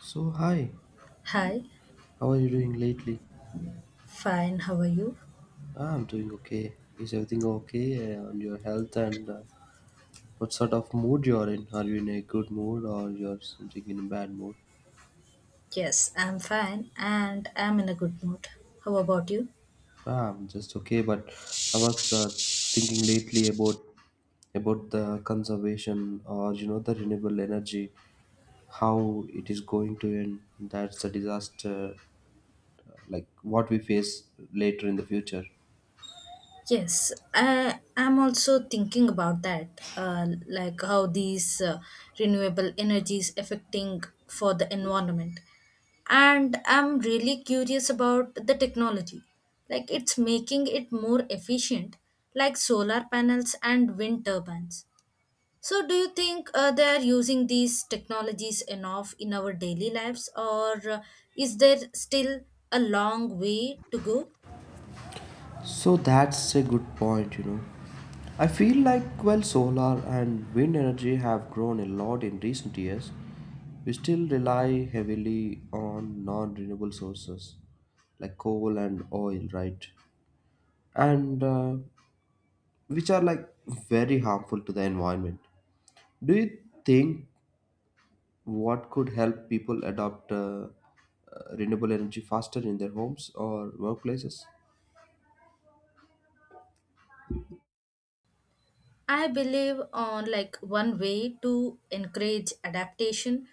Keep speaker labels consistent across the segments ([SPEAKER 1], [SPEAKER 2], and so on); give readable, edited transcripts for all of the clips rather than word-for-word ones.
[SPEAKER 1] So, hi,
[SPEAKER 2] Hi,
[SPEAKER 1] how are you doing lately?
[SPEAKER 2] fine, how are you?
[SPEAKER 1] Ah, I'm doing okay. Is everything okay, on your health and what sort of mood you're in? Are you in a good mood or you're something in a bad mood?
[SPEAKER 2] Yes, I'm fine and I'm in a good mood. How about you?
[SPEAKER 1] Ah, I'm just okay, but I was thinking lately about the conservation or the renewable energy, how it is going to end. That's a disaster, like what we face later in the future.
[SPEAKER 2] Yes, I am also thinking about that, like how these renewable energies affecting for the environment. And I'm really curious about the technology. Like it's making it more efficient, like solar panels and wind turbines. So, do you think they are using these technologies enough in our daily lives, or is there still a long way to go?
[SPEAKER 1] So that's a good point, I feel like while solar and wind energy have grown a lot in recent years, we still rely heavily on non renewable sources like coal and oil, right? And which are like very harmful to the environment. Do you think what could help people adopt renewable energy faster in their homes or workplaces?
[SPEAKER 2] I believe on like one way to encourage adaptation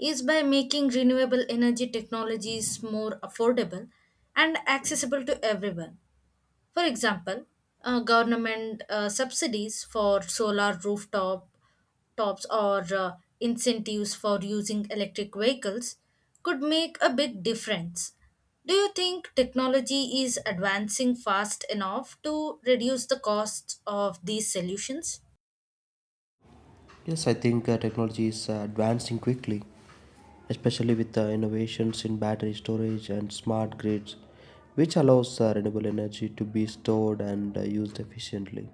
[SPEAKER 2] is by making renewable energy technologies more affordable and accessible to everyone. For example, government subsidies for solar rooftop tops or incentives for using electric vehicles could make a big difference. Do you think technology is advancing fast enough to reduce the costs of these solutions?
[SPEAKER 1] Yes, I think technology is advancing quickly, especially with innovations in battery storage and smart grids, which allows renewable energy to be stored and used efficiently.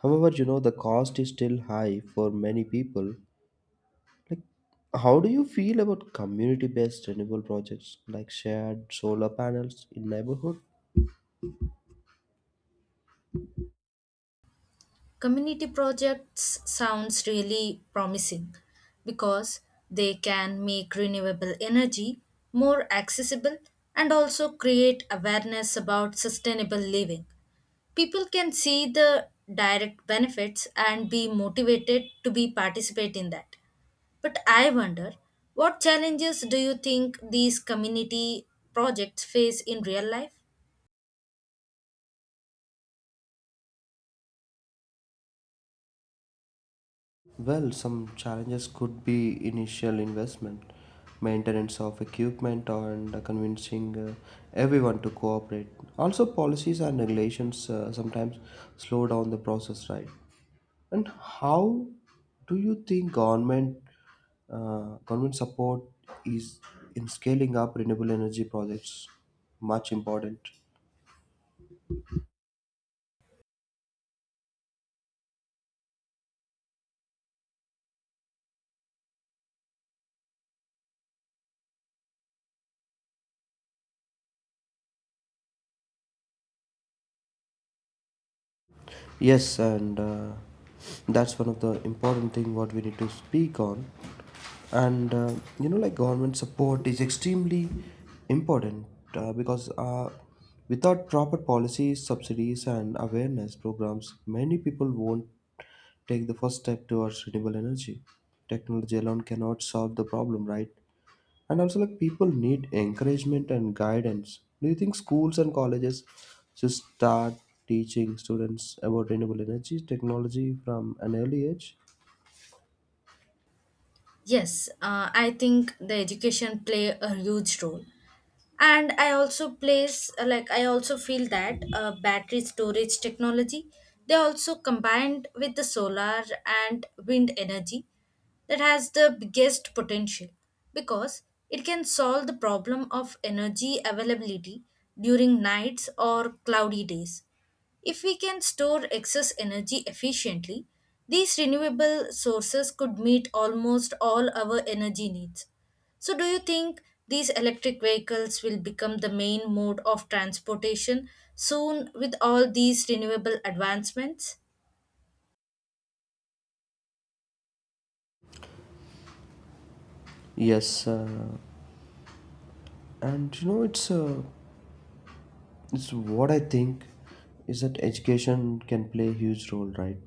[SPEAKER 1] However, the cost is still high for many people. Like, how do you feel about community-based renewable projects like shared solar panels in neighborhood?
[SPEAKER 2] Community projects sounds really promising because they can make renewable energy more accessible and also create awareness about sustainable living. People can see the direct benefits and be motivated to be participate in that. But I wonder what challenges do you think these community projects face in real life?
[SPEAKER 1] Well, some challenges could be initial investment, maintenance of equipment, and convincing everyone to cooperate. Also, policies and regulations sometimes slow down the process, right? And how do you think government support is in scaling up renewable energy projects much important? Yes, and that's one of the important thing what we need to speak on. And like government support is extremely important because without proper policies, subsidies, and awareness programs, many people won't take the first step towards renewable energy. Technology alone cannot solve the problem, right? And also, like people need encouragement and guidance. Do you think schools and colleges should start teaching students about renewable energy technology from an early age?
[SPEAKER 2] Yes, I think the education play a huge role and I also feel that battery storage technology they also combined with the solar and wind energy that has the biggest potential because it can solve the problem of energy availability during nights or cloudy days if we can store excess energy efficiently, these renewable sources could meet almost all our energy needs. So, do you think these electric vehicles will become the main mode of transportation soon with all these renewable advancements?
[SPEAKER 1] Yes, and you know it's so what I think is that education can play a huge role, right?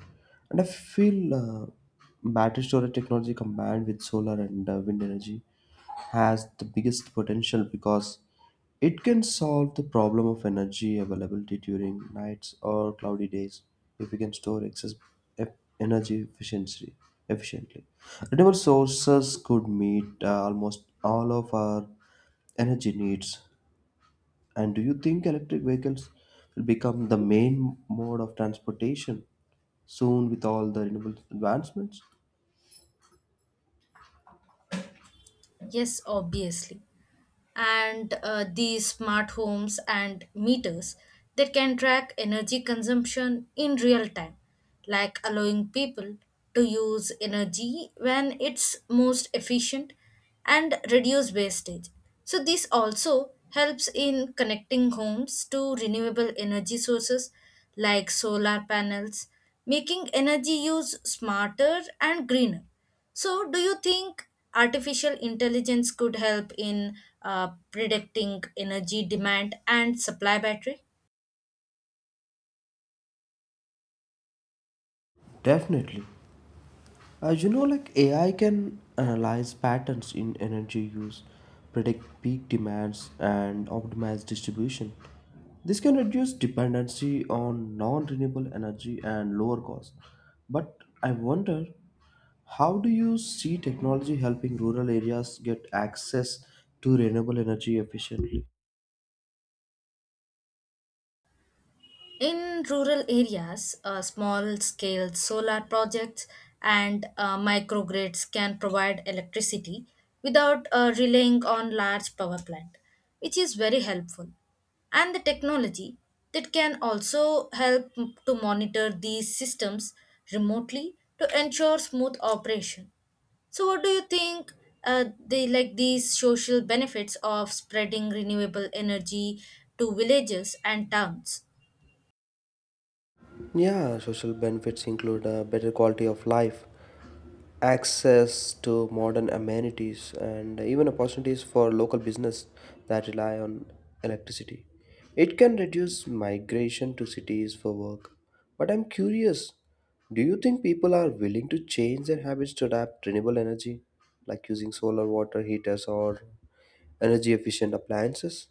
[SPEAKER 1] And I feel battery storage technology combined with solar and wind energy has the biggest potential because it can solve the problem of energy availability during nights or cloudy days if we can store excess e- energy efficiently. Efficiently, renewable sources could meet almost all of our energy needs. And do you think electric vehicles will become the main mode of transportation soon with all the renewable advancements?
[SPEAKER 2] Yes, obviously. And these smart homes and meters that can track energy consumption in real time, like allowing people to use energy when it's most efficient and reduce wastage. So this also helps in connecting homes to renewable energy sources like solar panels, making energy use smarter and greener. So, do you think artificial intelligence could help in predicting energy demand and supply battery?
[SPEAKER 1] Definitely. As you know, like AI can analyze patterns in energy use, predict peak demands, and optimize distribution. This can reduce dependency on non renewable energy and lower costs. But I wonder, how do you see technology helping rural areas get access to renewable energy efficiently?
[SPEAKER 2] In rural areas, small scale solar projects and microgrids can provide electricity without relying on large power plant, which is very helpful. And the technology that can also help to monitor these systems remotely to ensure smooth operation. So, what do you think? The like these social benefits of spreading renewable energy to villages and towns.
[SPEAKER 1] Yeah, social benefits include a better quality of life, access to modern amenities, and even opportunities for local business that rely on electricity. It can reduce migration to cities for work. But I'm curious, do you think people are willing to change their habits to adapt renewable energy, like using solar water heaters or energy efficient appliances?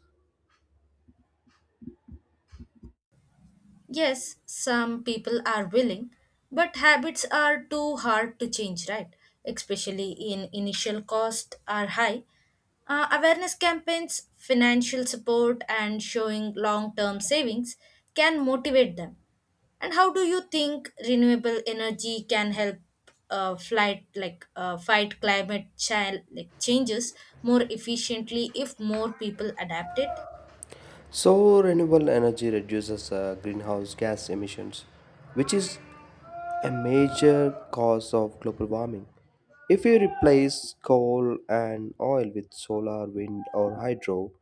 [SPEAKER 2] Yes, some people are willing, but habits are too hard to change, right? Especially in initial costs are high. Awareness campaigns, financial support, and showing long term savings can motivate them. And how do you think renewable energy can help fight climate like changes more efficiently if more people adapt it?
[SPEAKER 1] So, renewable energy reduces greenhouse gas emissions, which is a major cause of global warming. If we replace coal and oil with solar, wind, or hydro,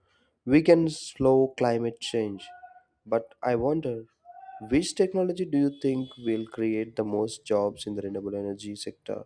[SPEAKER 1] we can slow climate change. But I wonder, which technology do you think will create the most jobs in the renewable energy sector?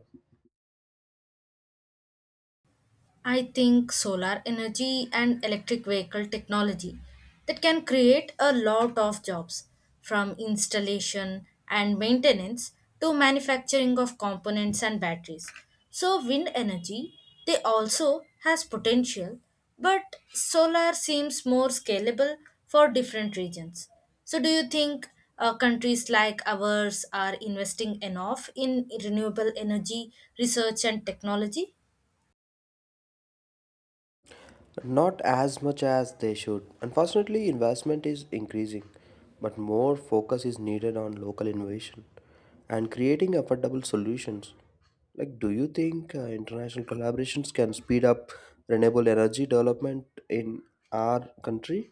[SPEAKER 2] I think solar energy and electric vehicle technology that can create a lot of jobs from installation and maintenance to manufacturing of components and batteries. So wind energy they also has potential but solar seems more scalable for different regions. So do you think countries like ours are investing enough in renewable energy research and technology?
[SPEAKER 1] Not as much as they should. Unfortunately, investment is increasing, but more focus is needed on local innovation and creating affordable solutions. Like, do you think international collaborations can speed up renewable energy development in our country?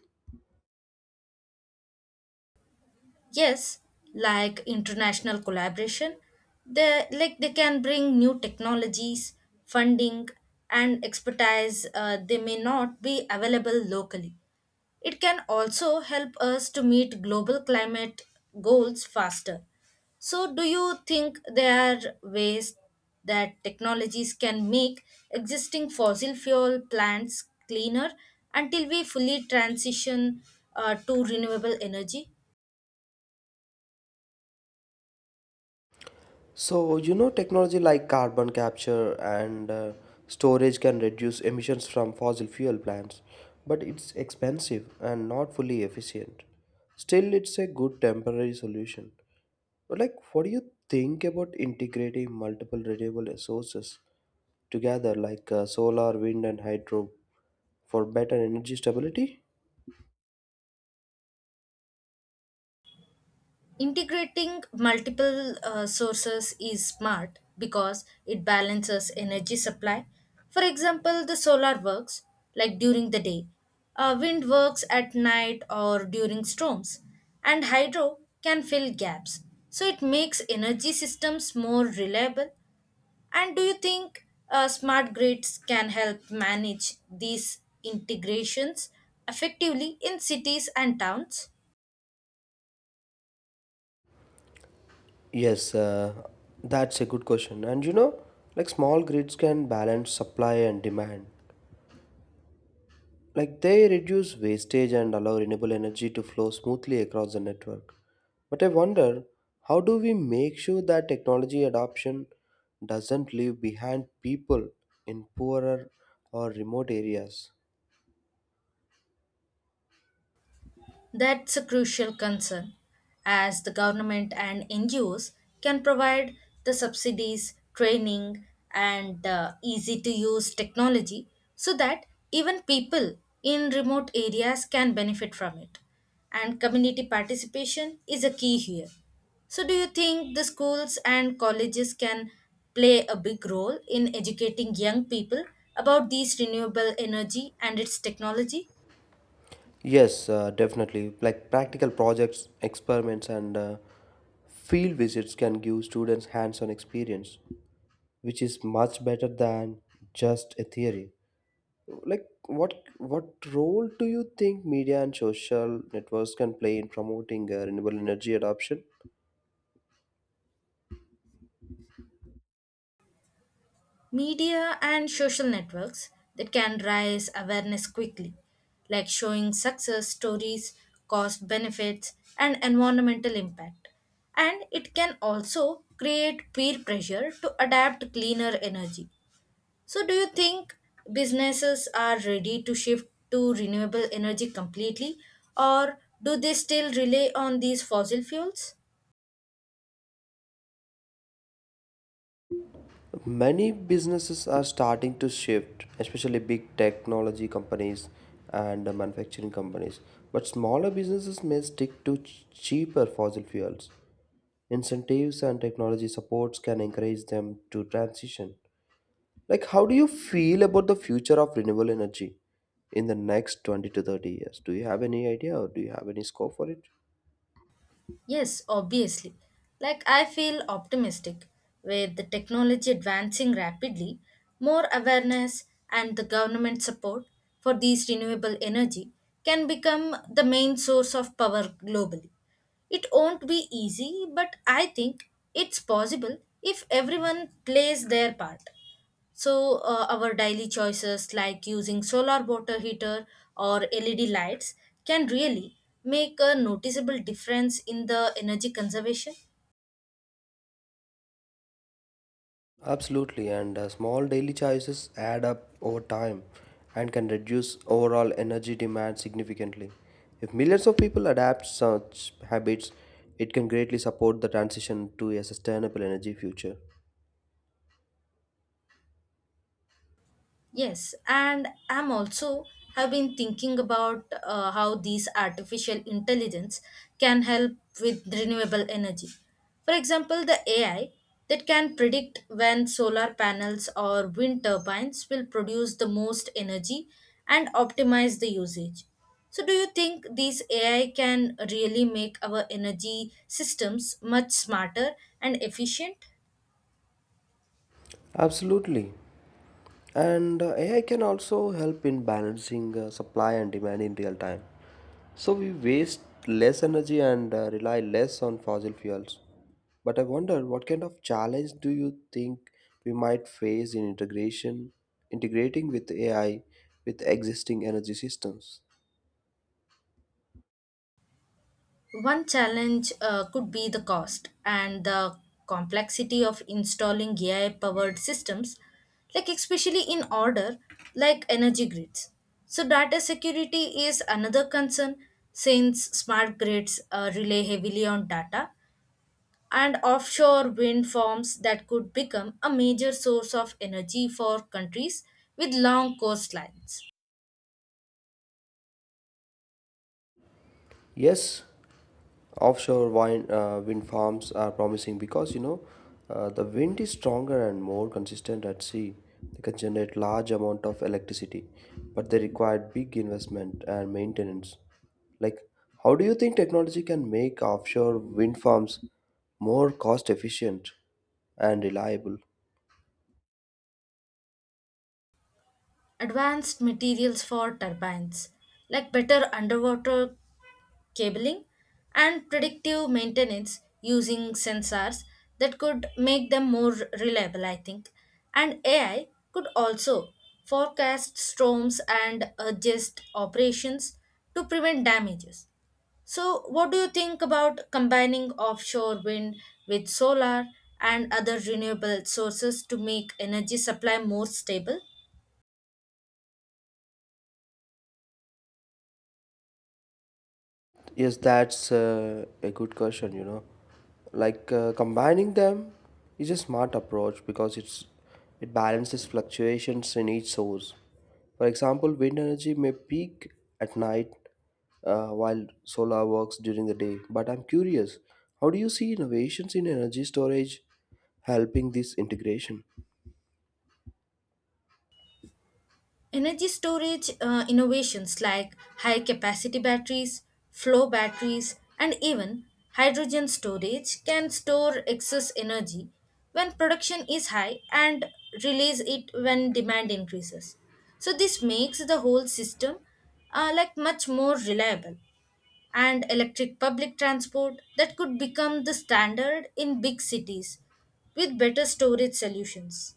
[SPEAKER 2] Yes, like international collaboration they can bring new technologies, funding, and expertise they may not be available locally. It can also help us to meet global climate goals faster. So do you think there are ways that technologies can make existing fossil fuel plants cleaner until we fully transition to renewable energy?
[SPEAKER 1] So, you know, technology like carbon capture and storage can reduce emissions from fossil fuel plants, but it's expensive and not fully efficient. Still, it's a good temporary solution. But, like, what do you think about integrating multiple renewable sources together, like solar, wind, and hydro, for better energy stability?
[SPEAKER 2] Integrating multiple sources is smart because it balances energy supply. For example, the solar works like during the day, wind works at night or during storms, and hydro can fill gaps. So it makes energy systems more reliable. And do you think smart grids can help manage these integrations effectively in cities and towns?
[SPEAKER 1] Yes, that's a good question. And you know, like small grids can balance supply and demand. Like they reduce wastage and allow renewable energy to flow smoothly across the network. But I wonder, how do we make sure that technology adoption doesn't leave behind people in poorer or remote areas?
[SPEAKER 2] That's a crucial concern, as the government and NGOs can provide the subsidies, training, and easy to use technology so that even people in remote areas can benefit from it. And community participation is a key here. So, do you think the schools and colleges can play a big role in educating young people about these renewable energy and its technology?
[SPEAKER 1] Yes, definitely. Like practical projects, experiments, and field visits can give students hands on experience, which is much better than just a theory. Like what role do you think media and social networks can play in promoting renewable energy adoption?
[SPEAKER 2] Media and social networks that can raise awareness quickly, like showing success stories, cost benefits, and environmental impact. And it can also create peer pressure to adapt cleaner energy. So, do you think businesses are ready to shift to renewable energy completely, or do they still rely on these fossil fuels?
[SPEAKER 1] Many businesses are starting to shift, especially big technology companies and manufacturing companies, but smaller businesses may stick to cheaper fossil fuels. Incentives and technology supports can encourage them to transition. Like, how do you feel about the future of renewable energy in the next 20 to 30 years? Do you have any idea or do you have any scope for it?
[SPEAKER 2] Yes, obviously. Like, I feel optimistic. With the technology advancing rapidly, more awareness and the government support for these renewable energy can become the main source of power globally. It won't be easy, but I think it's possible if everyone plays their part. So our daily choices like using solar water heater or led lights can really make a noticeable difference in the energy conservation.
[SPEAKER 1] Absolutely, and small daily choices add up over time and can reduce overall energy demand significantly. If millions of people adapt such habits, it can greatly support the transition to a sustainable energy future.
[SPEAKER 2] Yes, and I'm also have been thinking about how these artificial intelligence can help with renewable energy. For example, the AI that can predict when solar panels or wind turbines will produce the most energy and optimize the usage. So, do you think these AI can really make our energy systems much smarter and efficient?
[SPEAKER 1] Absolutely. And AI can also help in balancing supply and demand in real time. So we waste less energy and rely less on fossil fuels. But I wonder, what kind of challenge do you think we might face in integration integrating with AI with existing energy systems?
[SPEAKER 2] One challenge could be the cost and the complexity of installing AI powered systems, like especially in order, like energy grids. So, data security is another concern since smart grids rely heavily on data, and offshore wind farms that could become a major source of energy for countries with long coastlines.
[SPEAKER 1] Yes, offshore wind farms are promising because you know the wind is stronger and more consistent at sea. They can generate large amount of electricity, but they require big investment and maintenance. Like, how do you think technology can make offshore wind farms more cost efficient and reliable?
[SPEAKER 2] Advanced materials for turbines, like better underwater cabling, and predictive maintenance using sensors that could make them more reliable, I think. And AI could also forecast storms and adjust operations to prevent damages. So, what do you think about combining offshore wind with solar and other renewable sources to make energy supply more stable?
[SPEAKER 1] Yes, that's a good question, you know. Like combining them is a smart approach because it balances fluctuations in each source. For example, wind energy may peak at night while solar works during the day. But I'm curious, how do you see innovations in energy storage helping this integration?
[SPEAKER 2] Energy storage innovations like high capacity batteries, flow batteries, and even hydrogen storage can store excess energy when production is high and release it when demand increases. So, this makes the whole system much more reliable. And electric public transport that could become the standard in big cities with better storage solutions.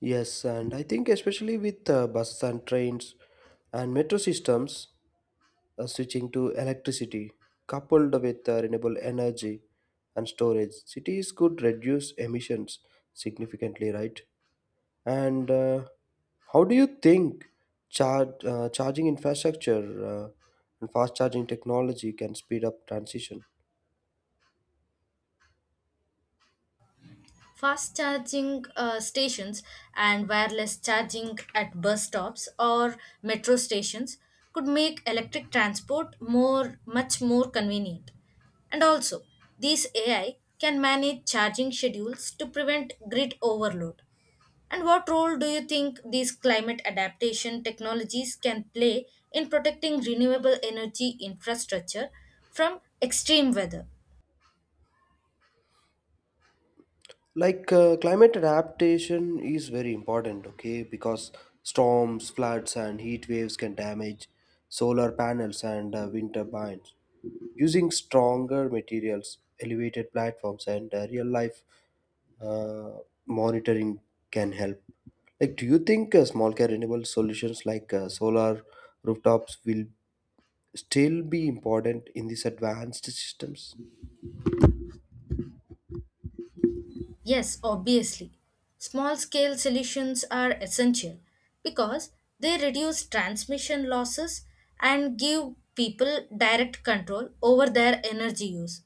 [SPEAKER 1] Yes, and I think especially with buses and trains and metro systems, switching to electricity coupled with renewable energy and storage cities could reduce emissions significantly, right? And how do you think charging infrastructure and fast charging technology can speed up transition?
[SPEAKER 2] Fast charging stations and wireless charging at bus stops or metro stations could make electric transport more much more convenient. And also, these AI can manage charging schedules to prevent grid overload. And what role do you think these climate adaptation technologies can play in protecting renewable energy infrastructure from extreme weather?
[SPEAKER 1] Like climate adaptation is very important, okay, because storms, floods, and heat waves can damage solar panels and wind turbines. Using stronger materials, elevated platforms, and real life uh, monitoring can help. Like, do you think small care renewable solutions like solar rooftops will still be important in these advanced systems?
[SPEAKER 2] Yes, obviously. Small scale solutions are essential because they reduce transmission losses and give people direct control over their energy use.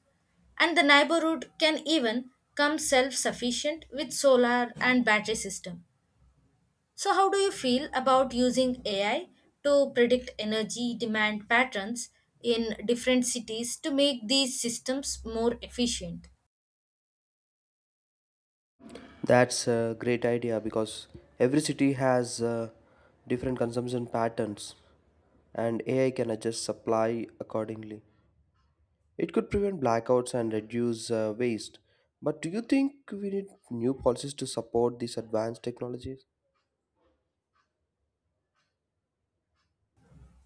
[SPEAKER 2] And the neighborhood can even come self sufficient with solar and battery system. So how do you feel about using AI to predict energy demand patterns in different cities to make these systems more efficient?
[SPEAKER 1] That's a great idea because every city has different consumption patterns and AI can adjust supply accordingly. It could prevent blackouts and reduce waste. But do you think we need new policies to support these advanced technologies?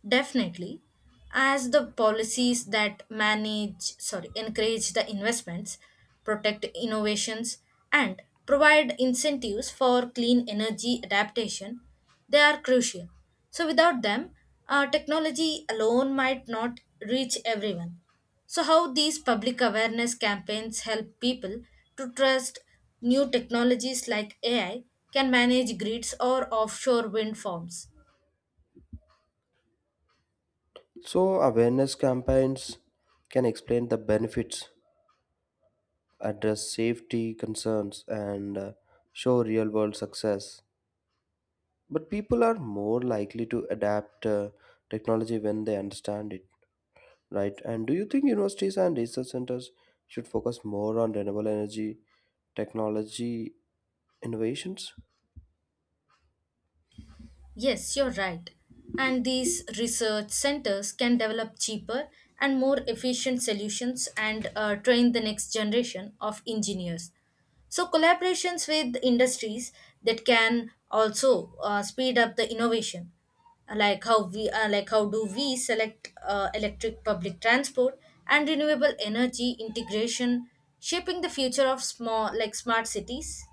[SPEAKER 2] Definitely, as the policies that manage, sorry, encourage the investments, protect innovations, and provide incentives for clean energy adaptation, they are crucial. So, without them, technology alone might not reach everyone. So, how these public awareness campaigns help people to trust new technologies like AI can manage grids or offshore wind farms.
[SPEAKER 1] So, awareness campaigns can explain the benefits, address safety concerns, and show real world success. But people are more likely to adapt technology when they understand it. Right. And do you think universities and research centers should focus more on renewable energy technology innovations?
[SPEAKER 2] Yes, you're right. And these research centers can develop cheaper and more efficient solutions and train the next generation of engineers. So, collaborations with industries that can also speed up the innovation, like how do we select electric public transport and renewable energy integration, shaping the future of small like smart cities.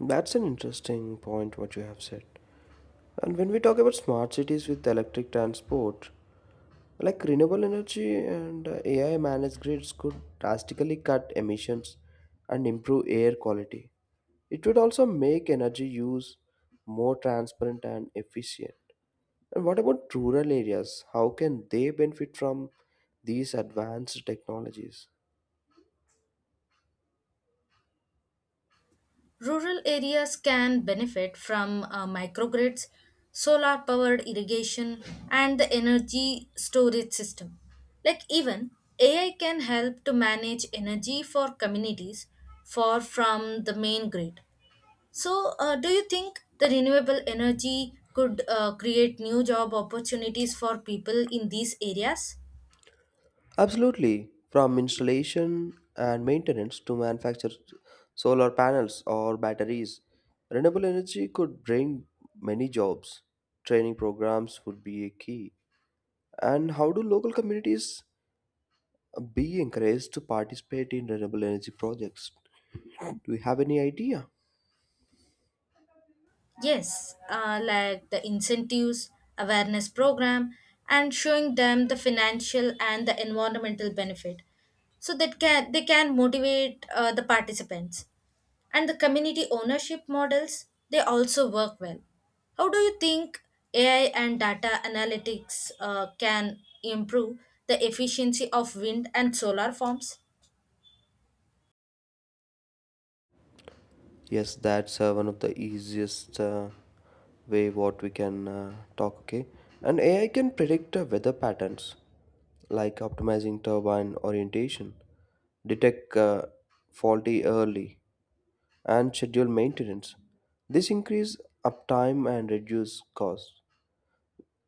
[SPEAKER 1] That's an interesting point what you have said. And when we talk about smart cities with electric transport, like renewable energy and AI managed grids could drastically cut emissions and improve air quality. It would also make energy use more transparent and efficient. And what about rural areas? How can they benefit from these advanced technologies?
[SPEAKER 2] Rural areas can benefit from microgrids, solar powered irrigation, and the energy storage system. Like, even AI can help to manage energy for communities far from the main grid. So, do you think the renewable energy could create new job opportunities for people in these areas?
[SPEAKER 1] Absolutely. From installation and maintenance to manufacture solar panels or batteries, renewable energy could bring many jobs. Training programs would be a key. And how do local communities be encouraged to participate in renewable energy projects? Do you have any idea?
[SPEAKER 2] Yes, like the incentives, awareness program, and showing them the financial and the environmental benefit, so that can they can motivate the participants. And the community ownership models they also work well. How do you think AI and data analytics can improve the efficiency of wind and solar farms?
[SPEAKER 1] Yes, that's one of the easiest way what we can talk. Okay, and AI can predict weather patterns like optimizing turbine orientation, detect faulty early, and schedule maintenance. This increase uptime and reduce costs.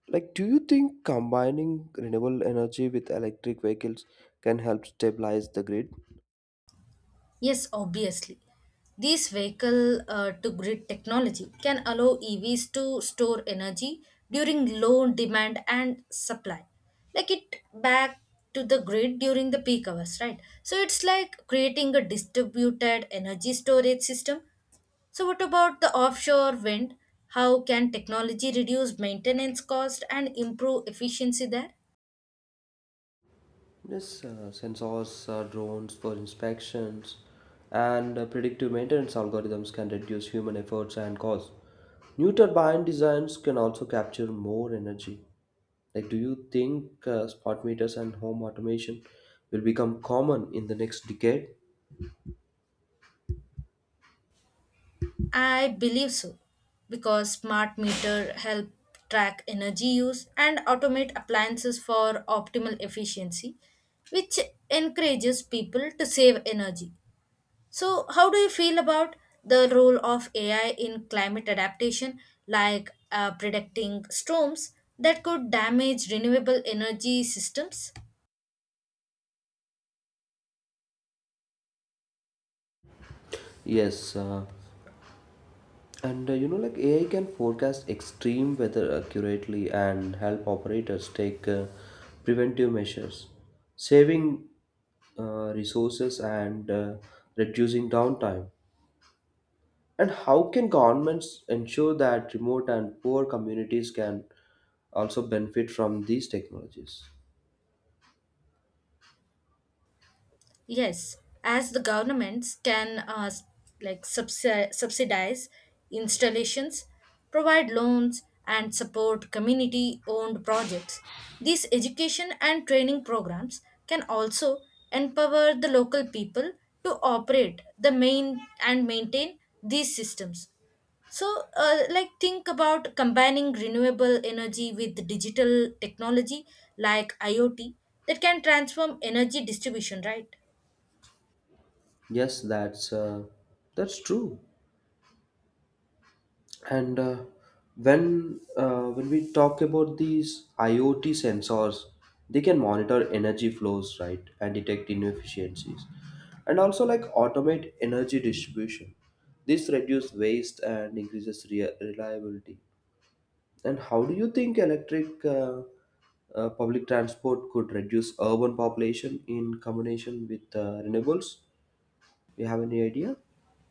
[SPEAKER 1] Like, do you think combining renewable energy with electric vehicles can help stabilize the grid?
[SPEAKER 2] Yes, obviously. These vehicle to grid technology can allow EVs to store energy during low demand and supply, like it back to the grid during the peak hours, right? So it's like creating a distributed energy storage system. So, what about the offshore wind? How can technology reduce maintenance cost and improve efficiency there?
[SPEAKER 1] Yes, sensors, drones for inspections, and predictive maintenance algorithms can reduce human efforts and costs. New turbine designs can also capture more energy. Like, do you think smart meters and home automation will become common in the next decade?
[SPEAKER 2] I believe so, because smart meter help track energy use and automate appliances for optimal efficiency, which encourages people to save energy. So, how do you feel about the role of AI in climate adaptation, like predicting storms that could damage renewable energy systems?
[SPEAKER 1] Yes, and you know, like AI can forecast extreme weather accurately and help operators take preventive measures, saving resources and reducing downtime. And how can governments ensure that remote and poor communities can also benefit from these technologies?
[SPEAKER 2] Yes, as the governments can subsidize installations, provide loans, and support community owned projects. These education and training programs can also empower the local people to operate the main and maintain these systems. So, think about combining renewable energy with digital technology like IoT that can transform energy distribution, right?
[SPEAKER 1] Yes, that's true. And when we talk about these IoT sensors, they can monitor energy flows, right? And detect inefficiencies and also like automate energy distribution. This reduces waste and increases reliability. And how do you think electric public transport could reduce urban population in combination with renewables? Do you have any idea?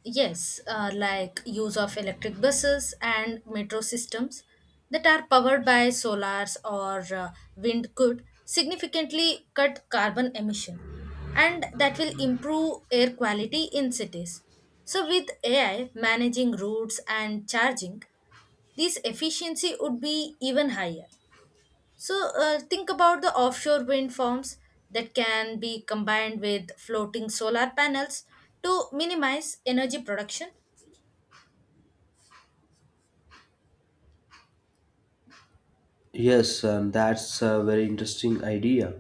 [SPEAKER 2] Yes, like use of electric buses and metro systems that are powered by solars or wind could significantly cut carbon emission and that will improve air quality in cities. So with AI managing routes and charging, this efficiency would be even higher. So think about the offshore wind farms that can be combined with floating solar panels to minimize energy production.
[SPEAKER 1] Yes, that's a very interesting idea.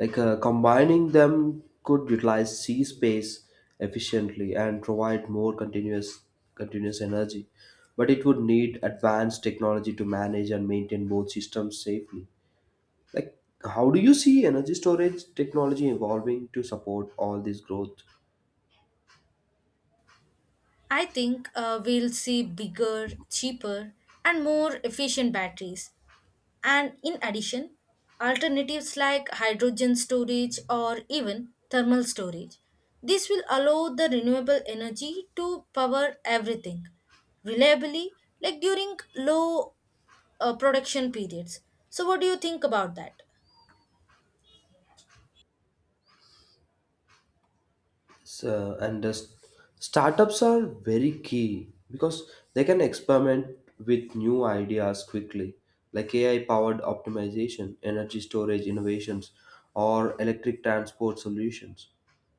[SPEAKER 1] Like combining them could utilize sea space efficiently and provide more continuous energy, but it would need advanced technology to manage and maintain both systems safely. Like, how do you see energy storage technology evolving to support all this growth?
[SPEAKER 2] I think we'll see bigger, cheaper, and more efficient batteries. And in addition, alternatives like hydrogen storage or even thermal storage. This will allow the renewable energy to power everything reliably, like during low production periods. So, what do you think about that?
[SPEAKER 1] So, and startups are very key because they can experiment with new ideas quickly, like AI powered optimization, energy storage innovations, or electric transport solutions.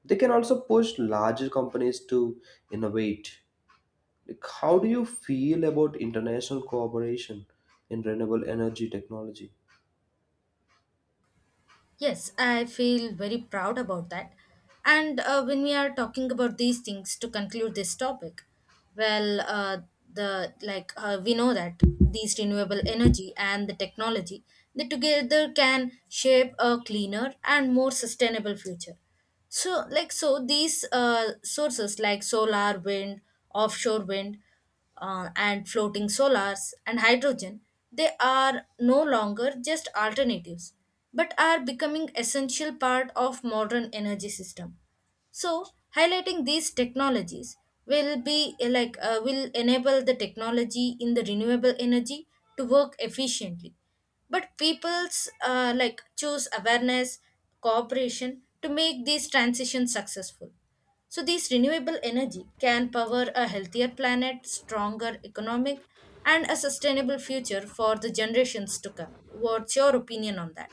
[SPEAKER 1] They can also push larger companies to innovate. Like, how do you feel about international cooperation in renewable energy technology?
[SPEAKER 2] Yes, I feel very proud about that. And when we are talking about these things to conclude this topic, well, the like we know that these renewable energy and the technology they together can shape a cleaner and more sustainable future. So, these sources like solar, wind, offshore wind and floating solars and hydrogen, they are no longer just alternatives, but are becoming essential part of modern energy system. So, highlighting these technologies will be like will enable the technology in the renewable energy to work efficiently. But people's like choose awareness, cooperation to make these transitions successful. So these renewable energy can power a healthier planet, stronger economic, and a sustainable future for the generations to come. What's your opinion on that?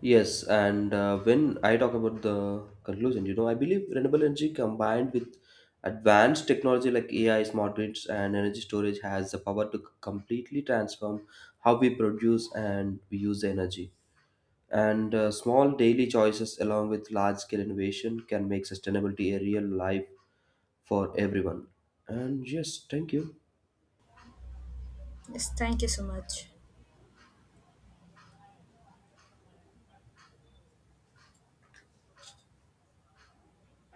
[SPEAKER 1] Yes, and when I talk about the conclusion, you know, I believe renewable energy combined with advanced technology like AI, smart grids, and energy storage has the power to completely transform how we produce and we use the energy. And small daily choices, along with large scale innovation, can make sustainability a real life for everyone. And yes, thank you.
[SPEAKER 2] Yes, thank you so much.